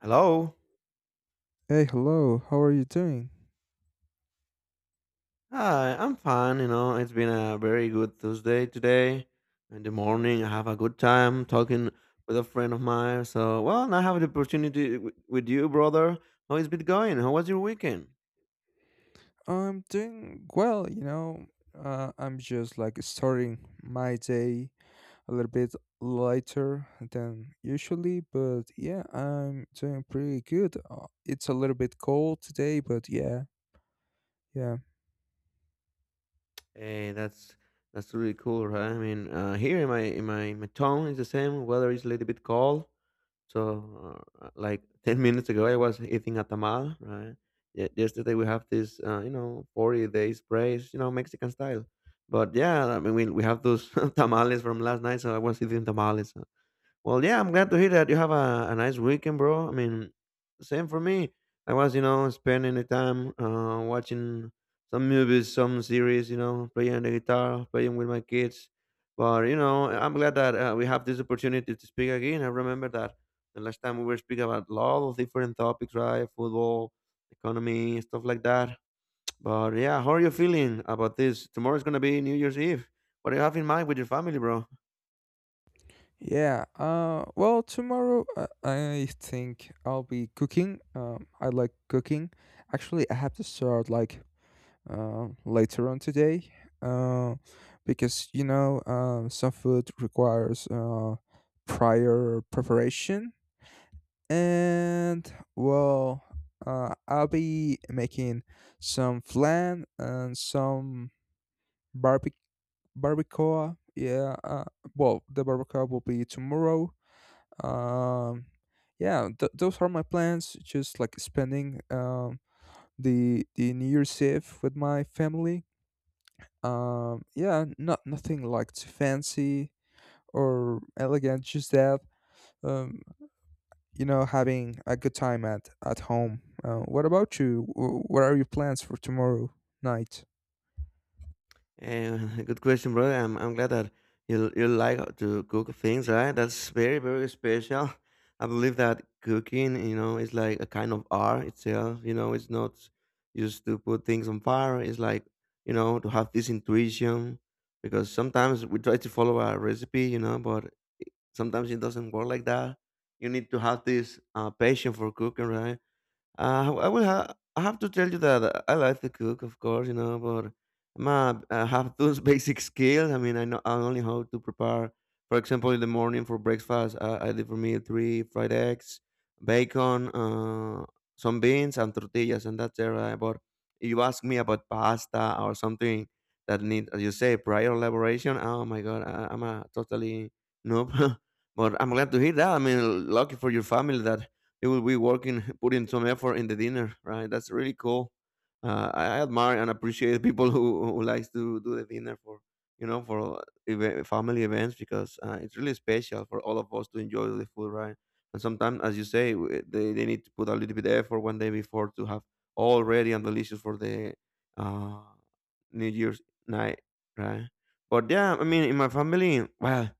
Hello. Hey, hello. How are you doing? Hi, I'm fine. You know, it's been a very good Tuesday today. In the morning, I have a good time talking with a friend of mine. So, well, now I have the opportunity with you, brother. How is it going? How was your weekend? I'm doing well, you know. I'm just like starting my day a little bit lighter than usually, but yeah, I'm doing pretty good. It's a little bit cold today, but yeah, Hey, that's really cool, right? I mean, here in my town, it's the same. Weather is a little bit cold. So, like 10 minutes ago, I was eating a tamal, right? Yesterday, we have this, 40 days praise, you know, Mexican style. But yeah, I mean, we have those tamales from last night. So I was eating tamales. Well, yeah, I'm glad to hear that you have a nice weekend, bro. I mean, same for me. I was, you know, spending the time watching some movies, some series, you know, playing the guitar, playing with my kids. But, you know, I'm glad that we have this opportunity to speak again. I remember that the last time we were speaking about a lot of different topics, right? Football, economy, stuff like that. But yeah, how are you feeling about this? Tomorrow's going to be New Year's Eve. What do you have in mind with your family, bro? yeah. Tomorrow I think I'll be cooking. I like cooking. Actually, I have to start like later on today, uh, because you know, some food requires, prior preparation, and well, I'll be making some flan and some barbe- barbacoa. Yeah, well, the barbacoa will be tomorrow. um, yeah, those are my plans, just like spending the new year's eve with my family. Yeah, not nothing like too fancy or elegant, just that, um, you know, having a good time at home. What about you? What are your plans for tomorrow night? Yeah, good question, brother. I'm glad that you like to cook things, right? That's very special. I believe that cooking, you know, is like a kind of art itself. You know, it's not just to put things on fire. It's like, you know, to have this intuition because sometimes we try to follow a recipe, you know, but sometimes it doesn't work like that. You need to have this passion for cooking, right? I have to tell you that I like to cook, of course, you know, but I have those basic skills. I mean, I know I only how to prepare. For example, in the morning for breakfast, I did for me three fried eggs, bacon, some beans, and tortillas, and that's it. Right? But if you ask me about pasta or something that need, as you say, prior elaboration, oh my god, I'm a totally noob. But I'm glad to hear that. I mean, lucky for your family that you will be working, putting some effort in the dinner, right? That's really cool. I admire and appreciate people who likes to do the dinner for, you know, for family events because it's really special for all of us to enjoy the food, right? And sometimes, as you say, they need to put a little bit of effort one day before to have all ready and delicious for the uh, New Year's night, right? But yeah, I mean, in my family, well,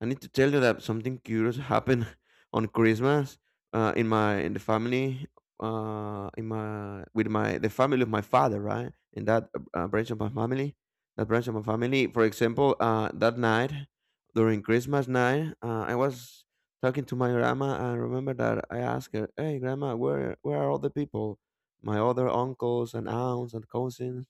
I need to tell you that something curious happened on Christmas, in my in the family in my with my the family of my father, right? In that branch of my family, that branch of my family. For example, that night during Christmas night, I was talking to my grandma. And remember that I asked her, "Hey, grandma, where are all the people? My other uncles and aunts and cousins?"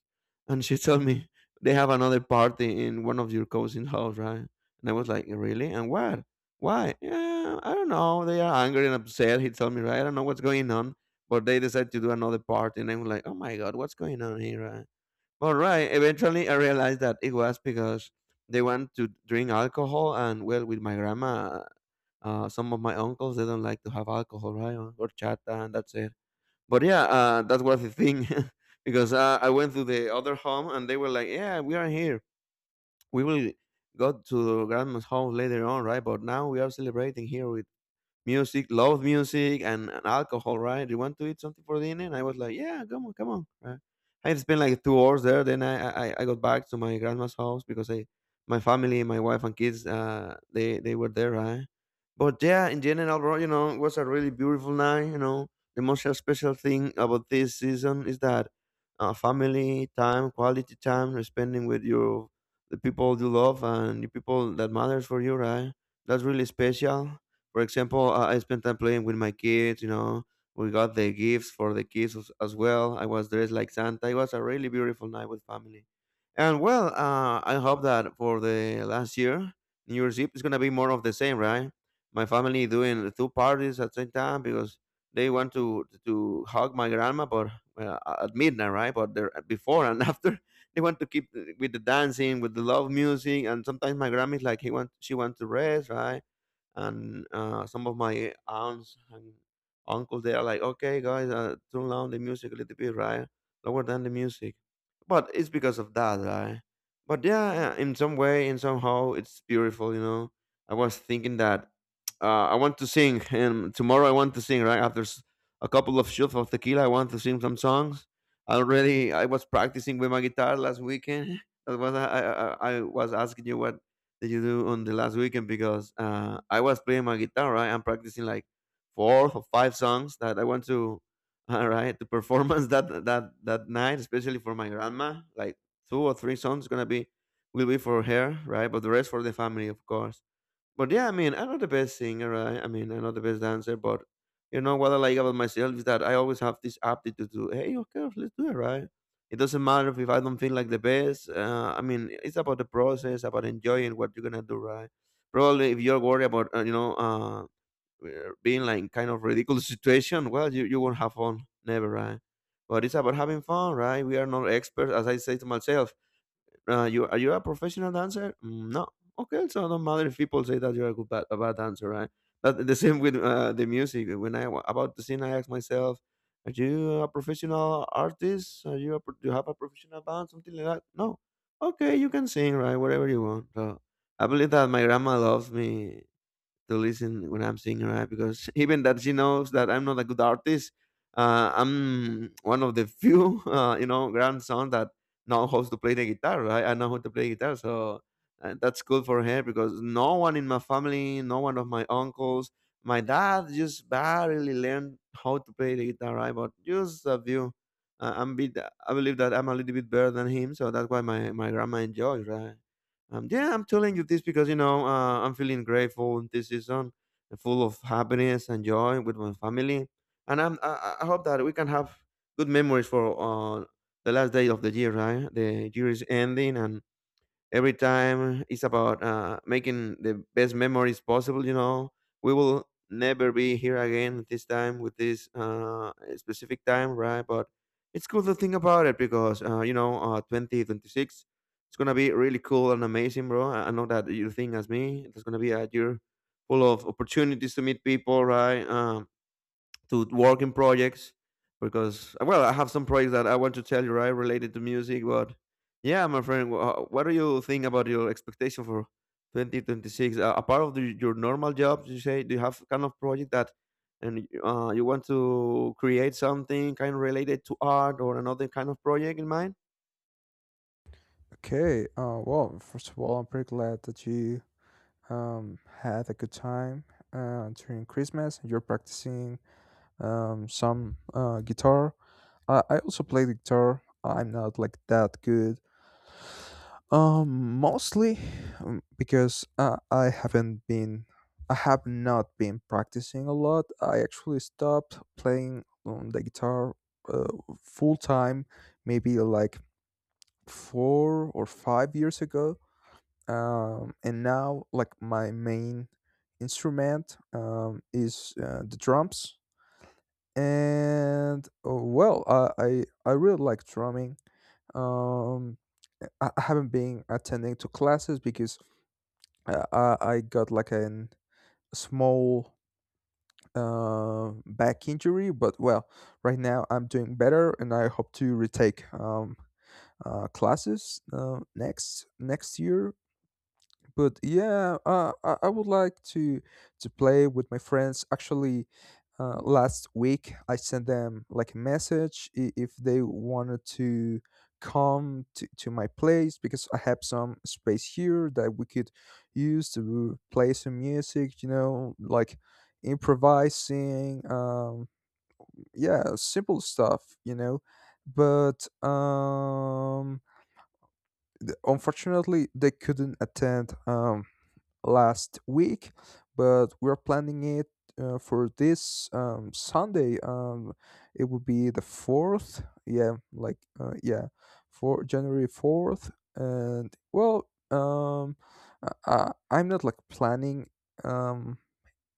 And she told me they have another party in one of your cousin's house, right? And I was like, really? And what? Why? Yeah, I don't know. They are angry and upset. He told me, right? I don't know what's going on. But they decided to do another party. And I'm like, oh my God, what's going on here? Right? But right, eventually I realized that it was because they want to drink alcohol. And well, with my grandma, some of my uncles, they don't like to have alcohol, right? Or horchata, and that's it. But yeah, that was the thing. Because I went to the other home and they were like, yeah, we are here, we will go to grandma's house later on, right? But now we are celebrating here with music, love music, and alcohol, right? You want to eat something for dinner? And I was like, yeah, come on, come on. Right? I had spent like 2 hours there. Then I got back to my grandma's house because my family, my wife and kids, they were there, right? But yeah, in general, bro, you know, it was a really beautiful night. You know, the most special thing about this season is that family time, quality time, you're spending with your the people you love and the people that matters for you, right? That's really special. For example, I spent time playing with my kids. You know, we got the gifts for the kids as well. I was dressed like Santa. It was a really beautiful night with family. And well, I hope that for the last year, New Year's Eve is gonna be more of the same, right? My family doing two parties at the same time because they want to hug my grandma, but well, at midnight, right? But there before and after, they want to keep with the dancing, with the love music, and sometimes my grandma is like he want she wants to rest, right? And some of my aunts and uncles they are like, okay guys, turn down the music a little bit, right? Lower down the music. But it's because of that, right? But yeah, in some way and somehow it's beautiful, you know. I was thinking that I want to sing, and tomorrow I want to sing right after a couple of shots of tequila. I want to sing some songs. Already I was practicing with my guitar last weekend. That was I was asking you what that you do on the last weekend, because I was playing my guitar, right? I'm practicing like four or five songs that I want to, right, to performance that night, especially for my grandma. Like two or three songs gonna be will be for her, right? But the rest for the family, of course. But yeah, I mean, I'm not the best singer, right? I mean, I'm not the best dancer, but you know what I like about myself is that I always have this aptitude to, hey, okay, let's do it, right? It doesn't matter if I don't feel like the best. I mean, it's about the process, about enjoying what you're gonna do, right? Probably if you're worried about, being like kind of ridiculous situation, well, you won't have fun, never, right? But it's about having fun, right? We are not experts, as I say to myself. You a professional dancer? "Mm, no. Okay, so it don't matter if people say that you're a a bad dancer, right? That the same with the music. When I about to sing, I ask myself, "Are you a professional artist? Are you do you have a professional band? Something like that?" No. Okay, you can sing, right? Whatever you want. So I believe that my grandma loves me to listen when I'm singing, right? Because even that she knows that I'm not a good artist, I'm one of the few, grandson that know how to play the guitar, right? I know how to play guitar, so that's good for her because no one in my family, no one of my uncles, my dad just barely learned how to play the guitar, right? But just a few. Uh, I'm bit, I believe that I'm a little bit better than him, so that's why my grandma enjoys, right? Yeah, I'm telling you this because you know, I'm feeling grateful this season, full of happiness and joy with my family, and I hope that we can have good memories for the last day of the year. Right, the year is ending, and every time it's about making the best memories possible, you know, we will never be here again at this time with this specific time, right? But it's cool to think about it because 2026 it's gonna be really cool and amazing, bro. I know that you think as me, it's gonna be a year full of opportunities to meet people, right? To work in projects because, well, I have some projects that I want to tell you, right, related to music. But yeah, my friend, what do you think about your expectation for 2026? Apart of your normal job, you say, do you have kind of project that and you want to create something kind of related to art or another kind of project in mind? Okay, well, first of all, I'm pretty glad that you, had a good time during Christmas. You're practicing, some guitar. I also play the guitar. I'm not like that good. Mostly, because I have not been practicing a lot. I actually stopped playing, the guitar, uh, full time, maybe like 4 or 5 years ago. And now like my main instrument, is, the drums. And well, I really like drumming. Um, I haven't been attending to classes because, I got like a small back injury, but well, right now I'm doing better, and I hope to retake, classes next year. But yeah, I would like to play with my friends. Actually, last week I sent them like a message if they wanted to come to my place because I have some space here that we could use to play some music. You know, like improvising. Yeah, simple stuff. You know, but unfortunately they couldn't attend. Last week, but we're planning it for this, Sunday. It would be the fourth. Yeah, like yeah, for January 4th. And well, I'm not like planning, um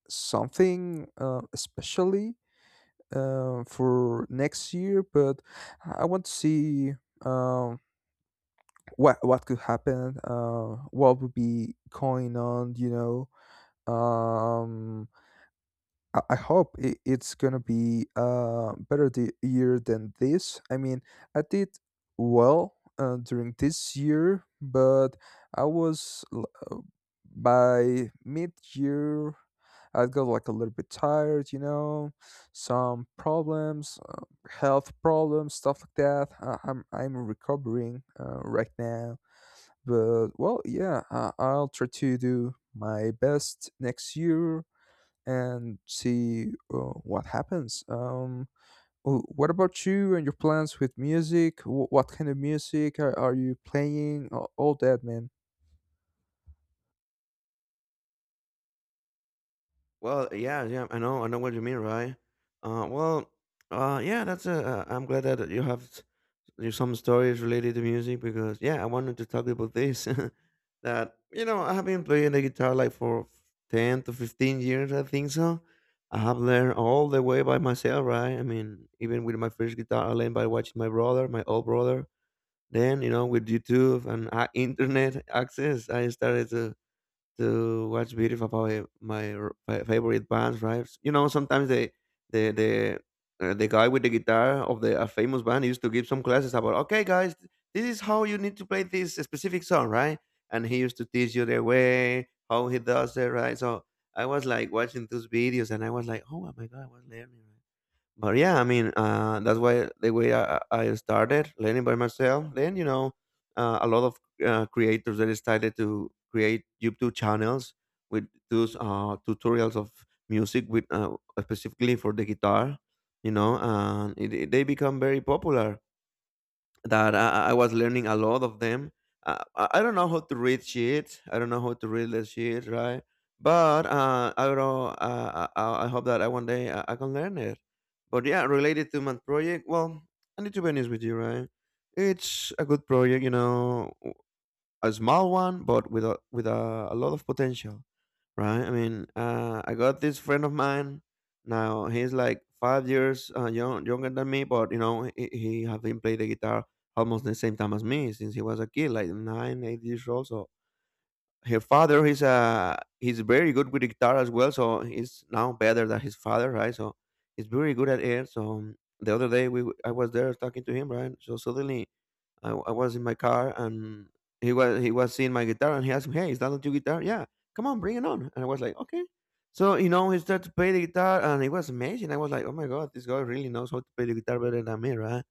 something especially for next year, but I want to see, um what could happen, what would be going on, you know. um I hope it's gonna be better the year than this. I mean, I did well during this year, but i was l- uh, by mid-year I got like a little bit tired, you know, some problems, health problems, stuff like that. I'm recovering right now, but well, yeah, I'll try to do my best next year and see what happens. What about you and your plans with music? What kind of music are you playing? All that, man. Well, yeah, I know what you mean, right? Well, yeah, that's a. I'm glad that you have s- you some stories related to music because yeah, I wanted to talk about this. I have been playing the guitar like for 10 to 15 years, I think so. I have learned all the way by myself, right? I mean, even with my first guitar, I learned by watching my brother, my old brother. With YouTube and internet access, I started to watch videos about my favorite bands, right? You know, sometimes the the the guy with the guitar of the a famous band used to give some classes about, okay, guys, this is how you need to play this specific song, right? And he used to teach you the way how he does it, right? So I was like watching those videos, and I was like, oh my god, I was learning. Right? But yeah, I mean, that's why the way I started learning by myself. Then you know, a lot of creators that started to create YouTube channels with those tutorials of music with specifically for the guitar. You know, and they become very popular that I was learning a lot of them. I don't know how to read sheets. I don't know how to read the sheet, right? But I don't know. I hope that I one day I can learn it. But yeah, related to my project, well, I need to be honest with you, right? It's a good project, you know, a small one, but with a lot of potential, right? I mean, I got this friend of mine. Now he's like 5 years younger than me, but you know he have been playing the guitar almost the same time as me since he was a kid, like nine, 8 years old. So her father, he's very good with guitar as well. So he's now better than his father, right? So he's very good at it. So the other day I was there talking to him, right? So suddenly I was in my car and he was seeing my guitar and he asked me, "Hey, is that not your guitar?" Yeah, come on, bring it on. And I was like, "Okay." So you know, he started to play the guitar and it was amazing. I was like, "Oh my god, this guy really knows how to play the guitar better than me, right?"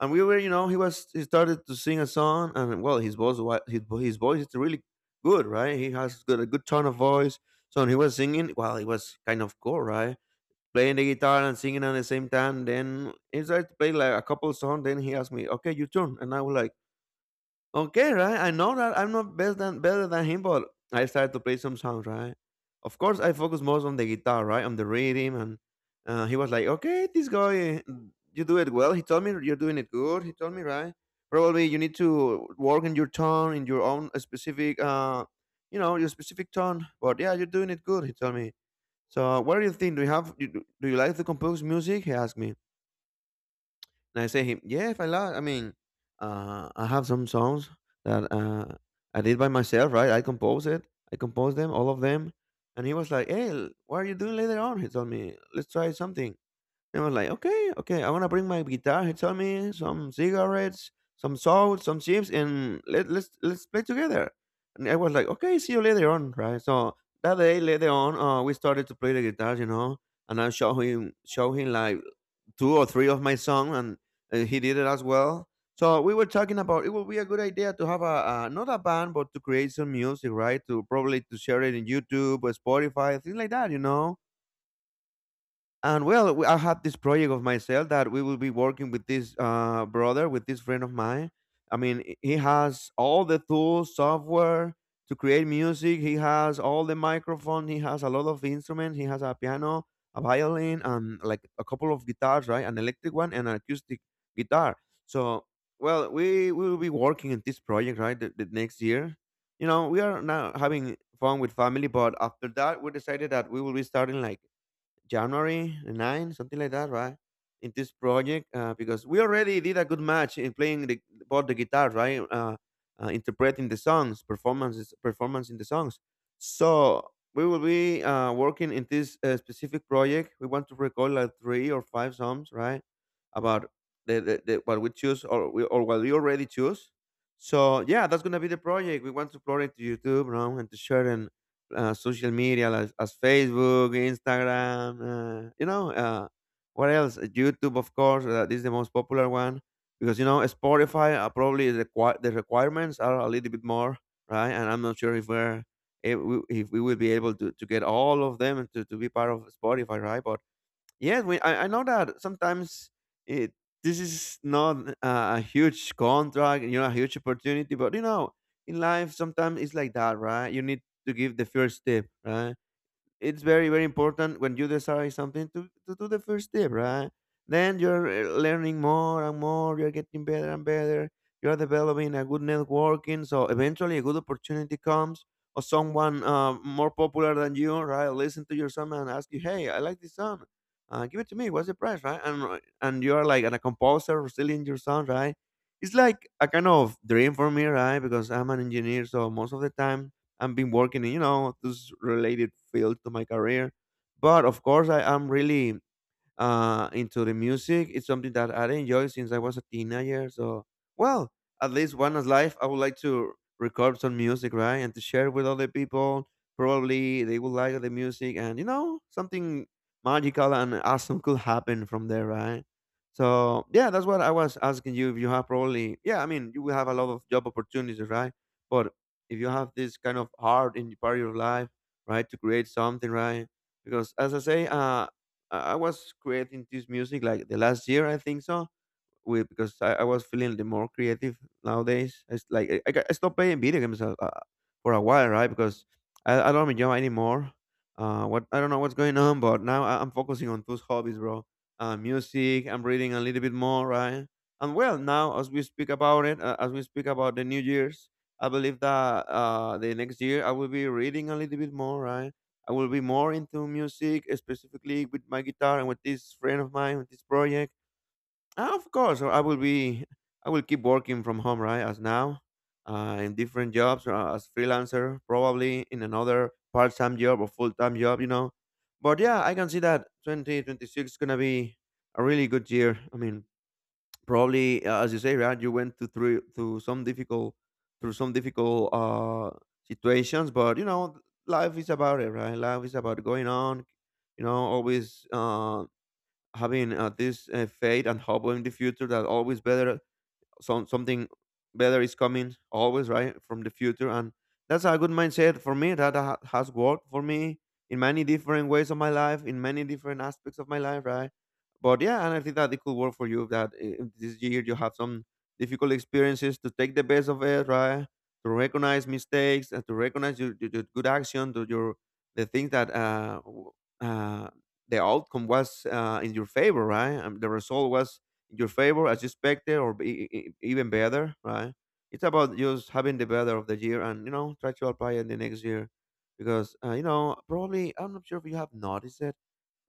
And we were, you know, he started to sing a song and well, his voice wa- his vo- his voice is really good, right? He has got a good tone of voice. So when he was singing, well, it was kind of cool, right? Playing the guitar and singing at the same time. Then he started to play like a couple songs. Then he asked me, "Okay, your turn," and I was like. Okay, right. I know that I'm not best than better than him, but I started to play some songs, right? Of course, I focus most on the guitar, right, on the rhythm, and he was like, "Okay, this guy, you do it well." He told me you're doing it good. He told me, right? Probably you need to work in your tone, in your own your specific tone. But yeah, you're doing it good. He told me. So, what do you think? Do you have? Do you like to compose music? He asked me. And I say him, yeah, if I like, I mean, I have some songs that I did by myself, right? I composed it. I composed them, all of them. And he was like, hey, what are you doing later on? He told me, let's try something. And I was like, okay, okay, I want to bring my guitar. He told me some cigarettes, some salt, some chips, and let's play together. And I was like, okay, see you later on, right? So that day later on, we started to play the guitars, you know, and I show him like two or three of my songs, and he did it as well. So we were talking about it would be a good idea to have a not a band, but to create some music, right? To probably to share it in YouTube or Spotify, things like that, you know, and well, I have this project of myself that we will be working with this brother, with this friend of mine. I mean, he has all the tools, software to create music. He has all the microphone. He has a lot of instruments. He has a piano, a violin, and like a couple of guitars, right? An electric one and an acoustic guitar. So, well, we will be working in this project, right? The next year. You know, we are now having fun with family, but after that, we decided that we will be starting like January 9, something like that, right? In this project, because we already did a good match in playing both the guitar, right? Interpreting the songs, performance in the songs. So we will be working in this specific project. We want to record like three or five songs, right? About the what we choose or what we already choose. So yeah, that's gonna be the project. We want to upload it to YouTube, you know, and to share and social media as Facebook, Instagram, what else? YouTube, of course, this is the most popular one because you know Spotify probably the requirements are a little bit more, right? And I'm not sure if we're if we will be able to get all of them to be part of Spotify, right? But yeah, I know that sometimes it this is not a huge contract, you know, a huge opportunity, but you know, in life sometimes it's like that, right? You need to give the first step, right? It's very important when you decide something to do the first step, right? Then you're learning more and more, you're getting better and better, you're developing a good networking, so eventually a good opportunity comes, or someone more popular than you, right, listen to your song and ask you, hey, I like this song, give it to me, what's the price, right? And you're like, and a composer selling your song, right? It's like a kind of dream for me, right? Because I'm an engineer, so most of the time I've been working in, you know, this related field to my career, but of course I am really into the music. It's something that I enjoy since I was a teenager. So, well, at least one is life, I would like to record some music, right, and to share with other people. Probably they will like the music, and you know, something magical and awesome could happen from there, right? So yeah, that's what I was asking you. If you have probably, yeah, I mean, you will have a lot of job opportunities, right? But if you have this kind of heart in the part of your life, right, to create something, right? Because as I say, I was creating this music like the last year, I think so, with because I was feeling the more creative nowadays. It's like I stopped playing video games for a while, right? Because I don't enjoy anymore. What I don't know what's going on, but now I'm focusing on those hobbies, bro. Music. I'm reading a little bit more, right? And well, now as we speak about it, as we speak about the New Year's, I believe that the next year I will be reading a little bit more, right? I will be more into music, specifically with my guitar and with this friend of mine, with this project. Ah, of course, I will be. I will keep working from home, right? As now, in different jobs as freelancer, probably in another part-time job or full-time job, you know. But yeah, I can see that 2026 is gonna be a really good year. I mean, probably as you say, right? You went to through some difficult through some difficult situations, but you know, life is about it, right? Life is about going on. You know, always having this faith and hope in the future that always better something better is coming always, right, from the future. And that's a good mindset for me that has worked for me in many different ways of my life, in many different aspects of my life, right? But yeah, and I think that it could work for you, that if this year you have some difficult experiences, to take the best of it, right? To recognize mistakes and to recognize your good action to your, the things that uh the outcome was in your favor, right? And the result was in your favor as you expected, or even better, right? It's about just having the better of the year and, you know, try to apply it the next year. Because, you know, probably, I'm not sure if you have noticed it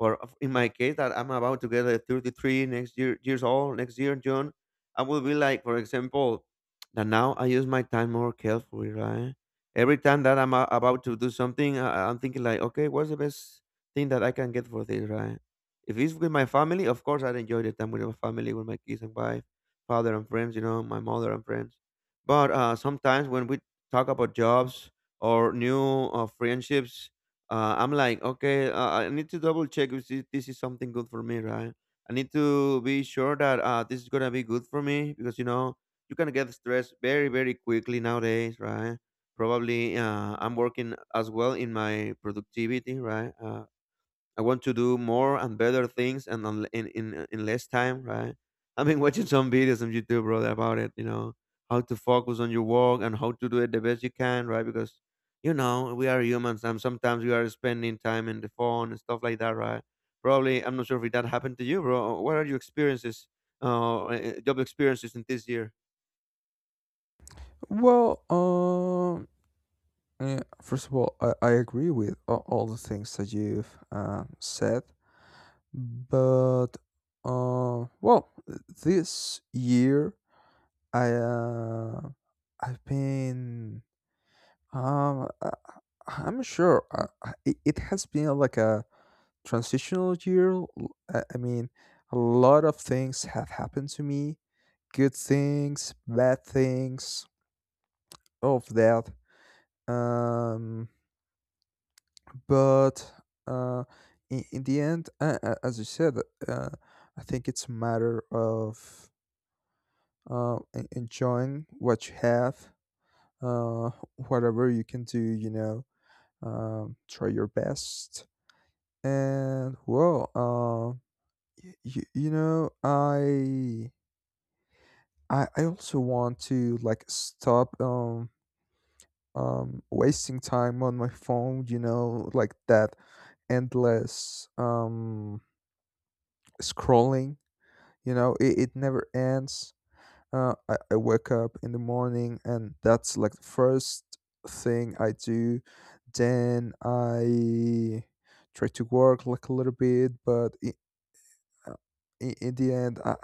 in my case, that I'm about to get a 33 next year, years old next year in June, I will be like, for example, that now I use my time more carefully, right? Every time that I'm about to do something, I'm thinking like, okay, what's the best thing that I can get for this, right? If it's with my family, of course, I enjoy the time with my family, with my kids and wife, father and friends, you know, my mother and friends. But sometimes when we talk about jobs or new friendships, I'm like, okay, I need to double check if this is something good for me, right? I need to be sure that this is gonna be good for me, because you know you can get stressed very, very quickly nowadays, right? Probably, I'm working as well in my productivity, right? I want to do more and better things and on, in less time, right? I've been watching some videos on YouTube, brother, about it. You know, how to focus on your work and how to do it the best you can, right? Because you know, we are humans, and sometimes we are spending time in the phone and stuff like that, right? Probably, I'm not sure if that happened to you, bro. What are your experiences, job experiences in this year? Well, first of all, I agree with all the things that you've said, but well, this year I I've been Um, I, I am sure. It has been like a transitional year. I mean, a lot of things have happened to me. Good things, bad things, all of that. Um, but uh, in the end, as you said, uh, I think it's a matter of enjoying what you have. Uh, Whatever you can do, you know, try your best. And well, you know, I also want to like stop wasting time on my phone. You know, like that endless scrolling. You know, it never ends. I wake up in the morning, and that's like the first thing I do. Then I try to work like a little bit, but uh, in the end, I,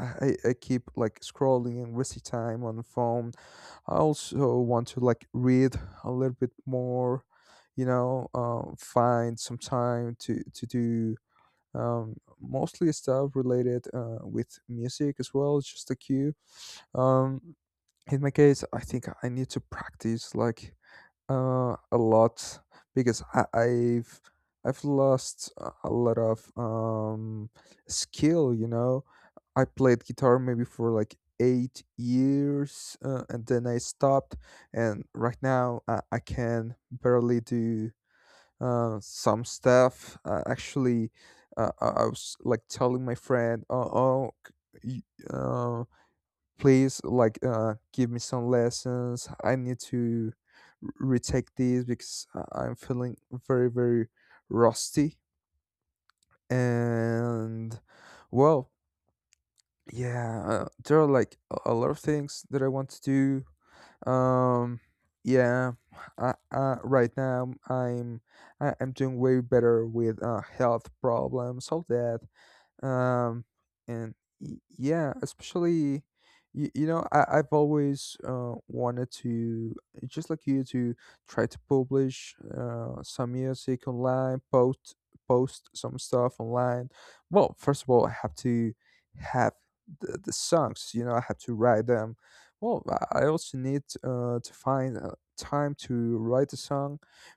I, I keep like scrolling and wasting time on phone. I also want to like read a little bit more, you know, find some time to do, mostly stuff related with music as well, just a cue. Um, in my case, I think I need to practice like a lot because I've lost a lot of skill, you know. I played guitar maybe for like 8 years, and then I stopped. And right now, I can barely do some stuff. Actually, I was like telling my friend, "Oh, c- y- uh, please, like, give me some lessons. I need to retake this because I'm feeling very, very rusty." And well. Yeah, there are like a lot of things that I want to do. Um, yeah, right now I'm I am doing way better with health problems, all that, um and yeah. Especially you know, I, I've always wanted to, just like you, to try to publish some music online, post some stuff online. Well, first of all, I have to have the songs, you know, I have to write them. Well, I also need to find time to write a song,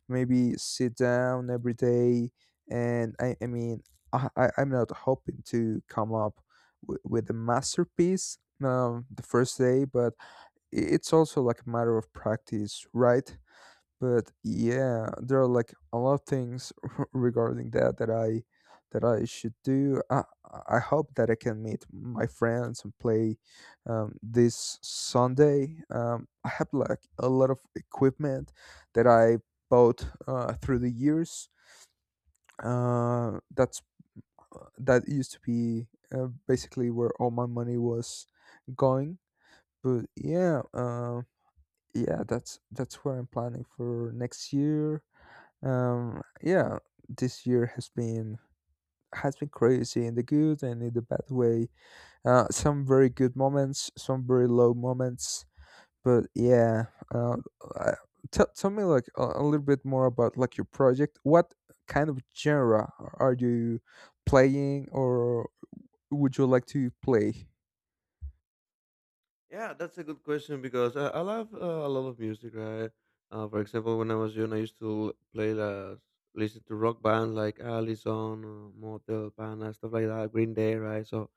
maybe sit down every day. And I mean, I'm not hoping to come up with a masterpiece, the first day, but it's also like a matter of practice, right? But yeah, there are like a lot of things regarding that that I should do. I hope that I can meet my friends and play, this Sunday. I have like a lot of equipment that I bought through the years. Uh, that's that used to be basically where all my money was going. But yeah, yeah, that's where I'm planning for next year. Yeah, this year has been, crazy in the good and in the bad way. Some very good moments, some very low moments. But yeah, uh, uh, tell me like a little bit more about like your project. What kind of genre are you playing or would you like to play? Yeah, that's a good question, because I love a lot of music, right? For example, when I was young, I used to play, listen to rock bands like Allison, Motel Pana, stuff like that, Green Day, right? So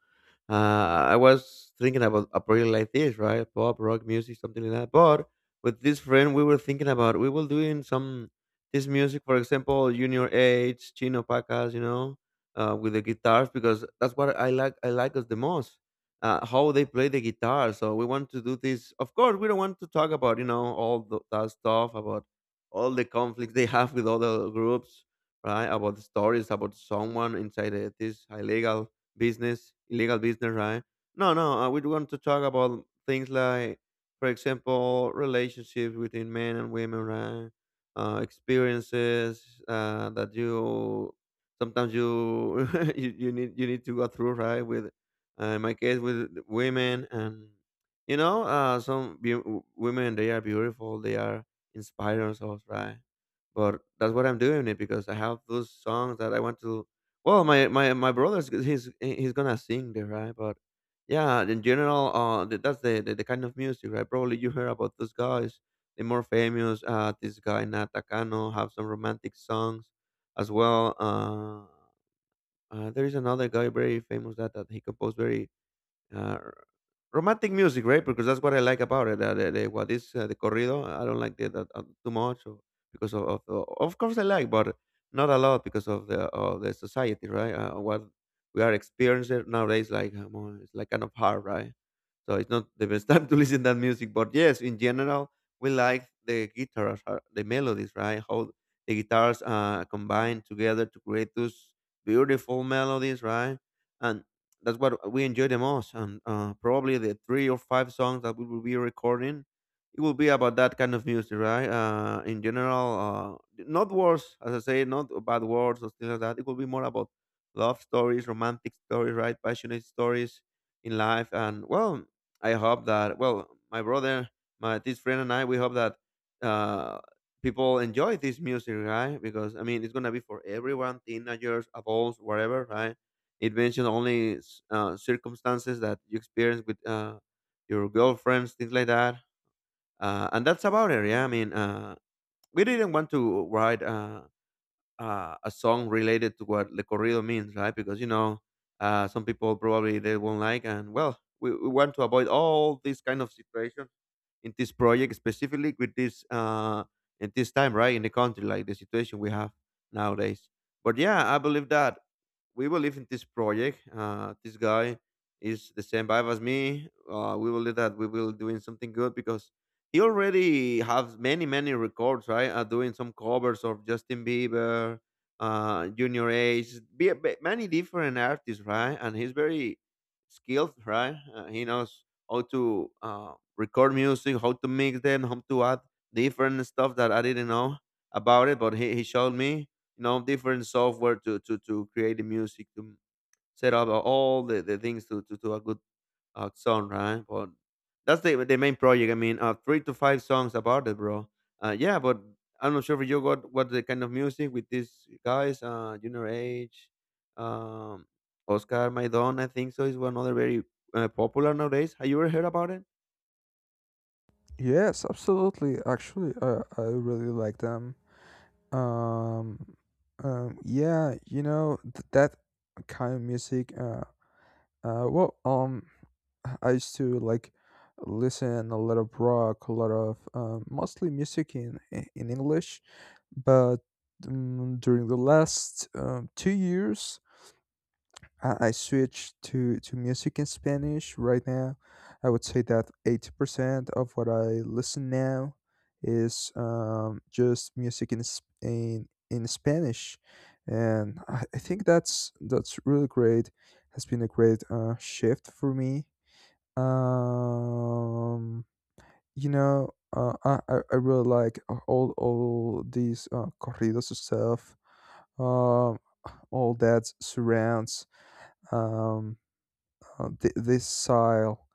I was thinking about a project like this, right? Pop, rock, music, something like that. But with this friend, we were thinking about we will doing some this music, for example, Junior H, Chino Pacas, you know, with the guitars, because that's what I like. I like us the most. How they play the guitar. So we want to do this. Of course, we don't want to talk about, you know, all the, that stuff about all the conflicts they have with other groups, right? About the stories about someone inside this illegal business, right? No, no, we want to talk about things like, for example, relationships between men and women, right? Experiences that you sometimes you, you need to go through, right? With in my case with women. And you know, some women, they are beautiful, they are inspiring us, right? But that's what I'm doing it, because I have those songs that I want to, well, my he's gonna sing there, right? But yeah, in general, that's the kind of music, right? Probably you heard about those guys, the more famous. This guy Nat Takano have some romantic songs as well. There is another guy very famous that he composed very uh, romantic music, right? Because that's what I like about it. What is the corrido? I don't like that too much, or because of, of course I like, but not a lot, because of the society, right? What we are experiencing nowadays, like it's like kind of hard, right? So it's not the best time to listen that music. But yes, in general, we like the guitars, the melodies, right? How the guitars combine together to create those beautiful melodies, right? And that's what we enjoy the most. And probably the three or five songs that we will be recording, it will be about that kind of music, right? In general, not words, as I say, not bad words or things like that. It will be more about love stories, romantic stories, right? Passionate stories in life. And well, I hope that, well, my brother, my this friend, and I, we hope that. Uh, People enjoy this music, right? Because I mean, it's gonna be for everyone, teenagers, adults, whatever, right? It mentioned only circumstances that you experience with your girlfriends, things like that. And that's about it. Yeah, I mean, we didn't want to write a song related to what Le Corrido means, right? Because, you know, some people probably they won't like. And, well, we want to avoid all these kind of situations in this project, specifically with this in this time, right, in the country, like the situation we have nowadays. But yeah, I believe that we believe in this project. This guy is the same vibe as me. We believe that we will doing something good, because he already has many many records, right? Doing some covers of Justin Bieber, Junior H, many different artists, right? And he's very skilled, right? He knows how to record music, how to mix them, how to add different stuff that I didn't know about it. But he showed me, you know, different software to to create the music, to set up all the things to, to a good song, right? But that's the main project. I mean, three to five songs about it, bro. Yeah, but I'm not sure if you got what the kind of music with these guys, Junior Age, um, Oscar Maidon, I think so, is one other very popular nowadays. Have you ever heard about it? Yes, absolutely. Actually, I really like them. Um, yeah, you know, that kind of music. Well, I used to like listen a lot of rock, a lot of mostly music in English, but during the last 2 years, I switched to music in Spanish right now. I would say that 80% of what I listen now is, just music in, in Spanish. And I think that's really great. Has been a great shift for me. Um, you know, I really like all these corridos stuff, um, all that surrounds, um, this style.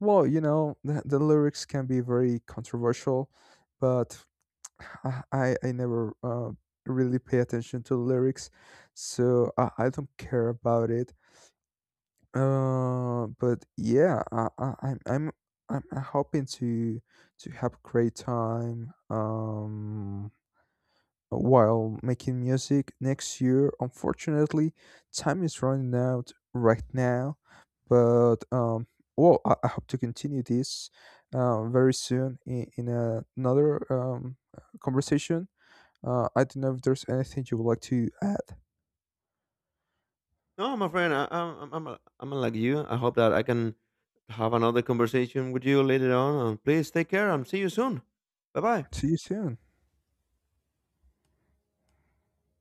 Well, you know, the lyrics can be very controversial, but I never really pay attention to the lyrics, so I don't care about it. But yeah, I, I'm hoping to have a great time. While making music next year. Unfortunately, time is running out right now, but well, I hope to continue this very soon in another, conversation. I don't know if there's anything you would like to add. No, my friend, I'm I'm like you. I hope that I can have another conversation with you later on. And please take care and see you soon. Bye bye. See you soon.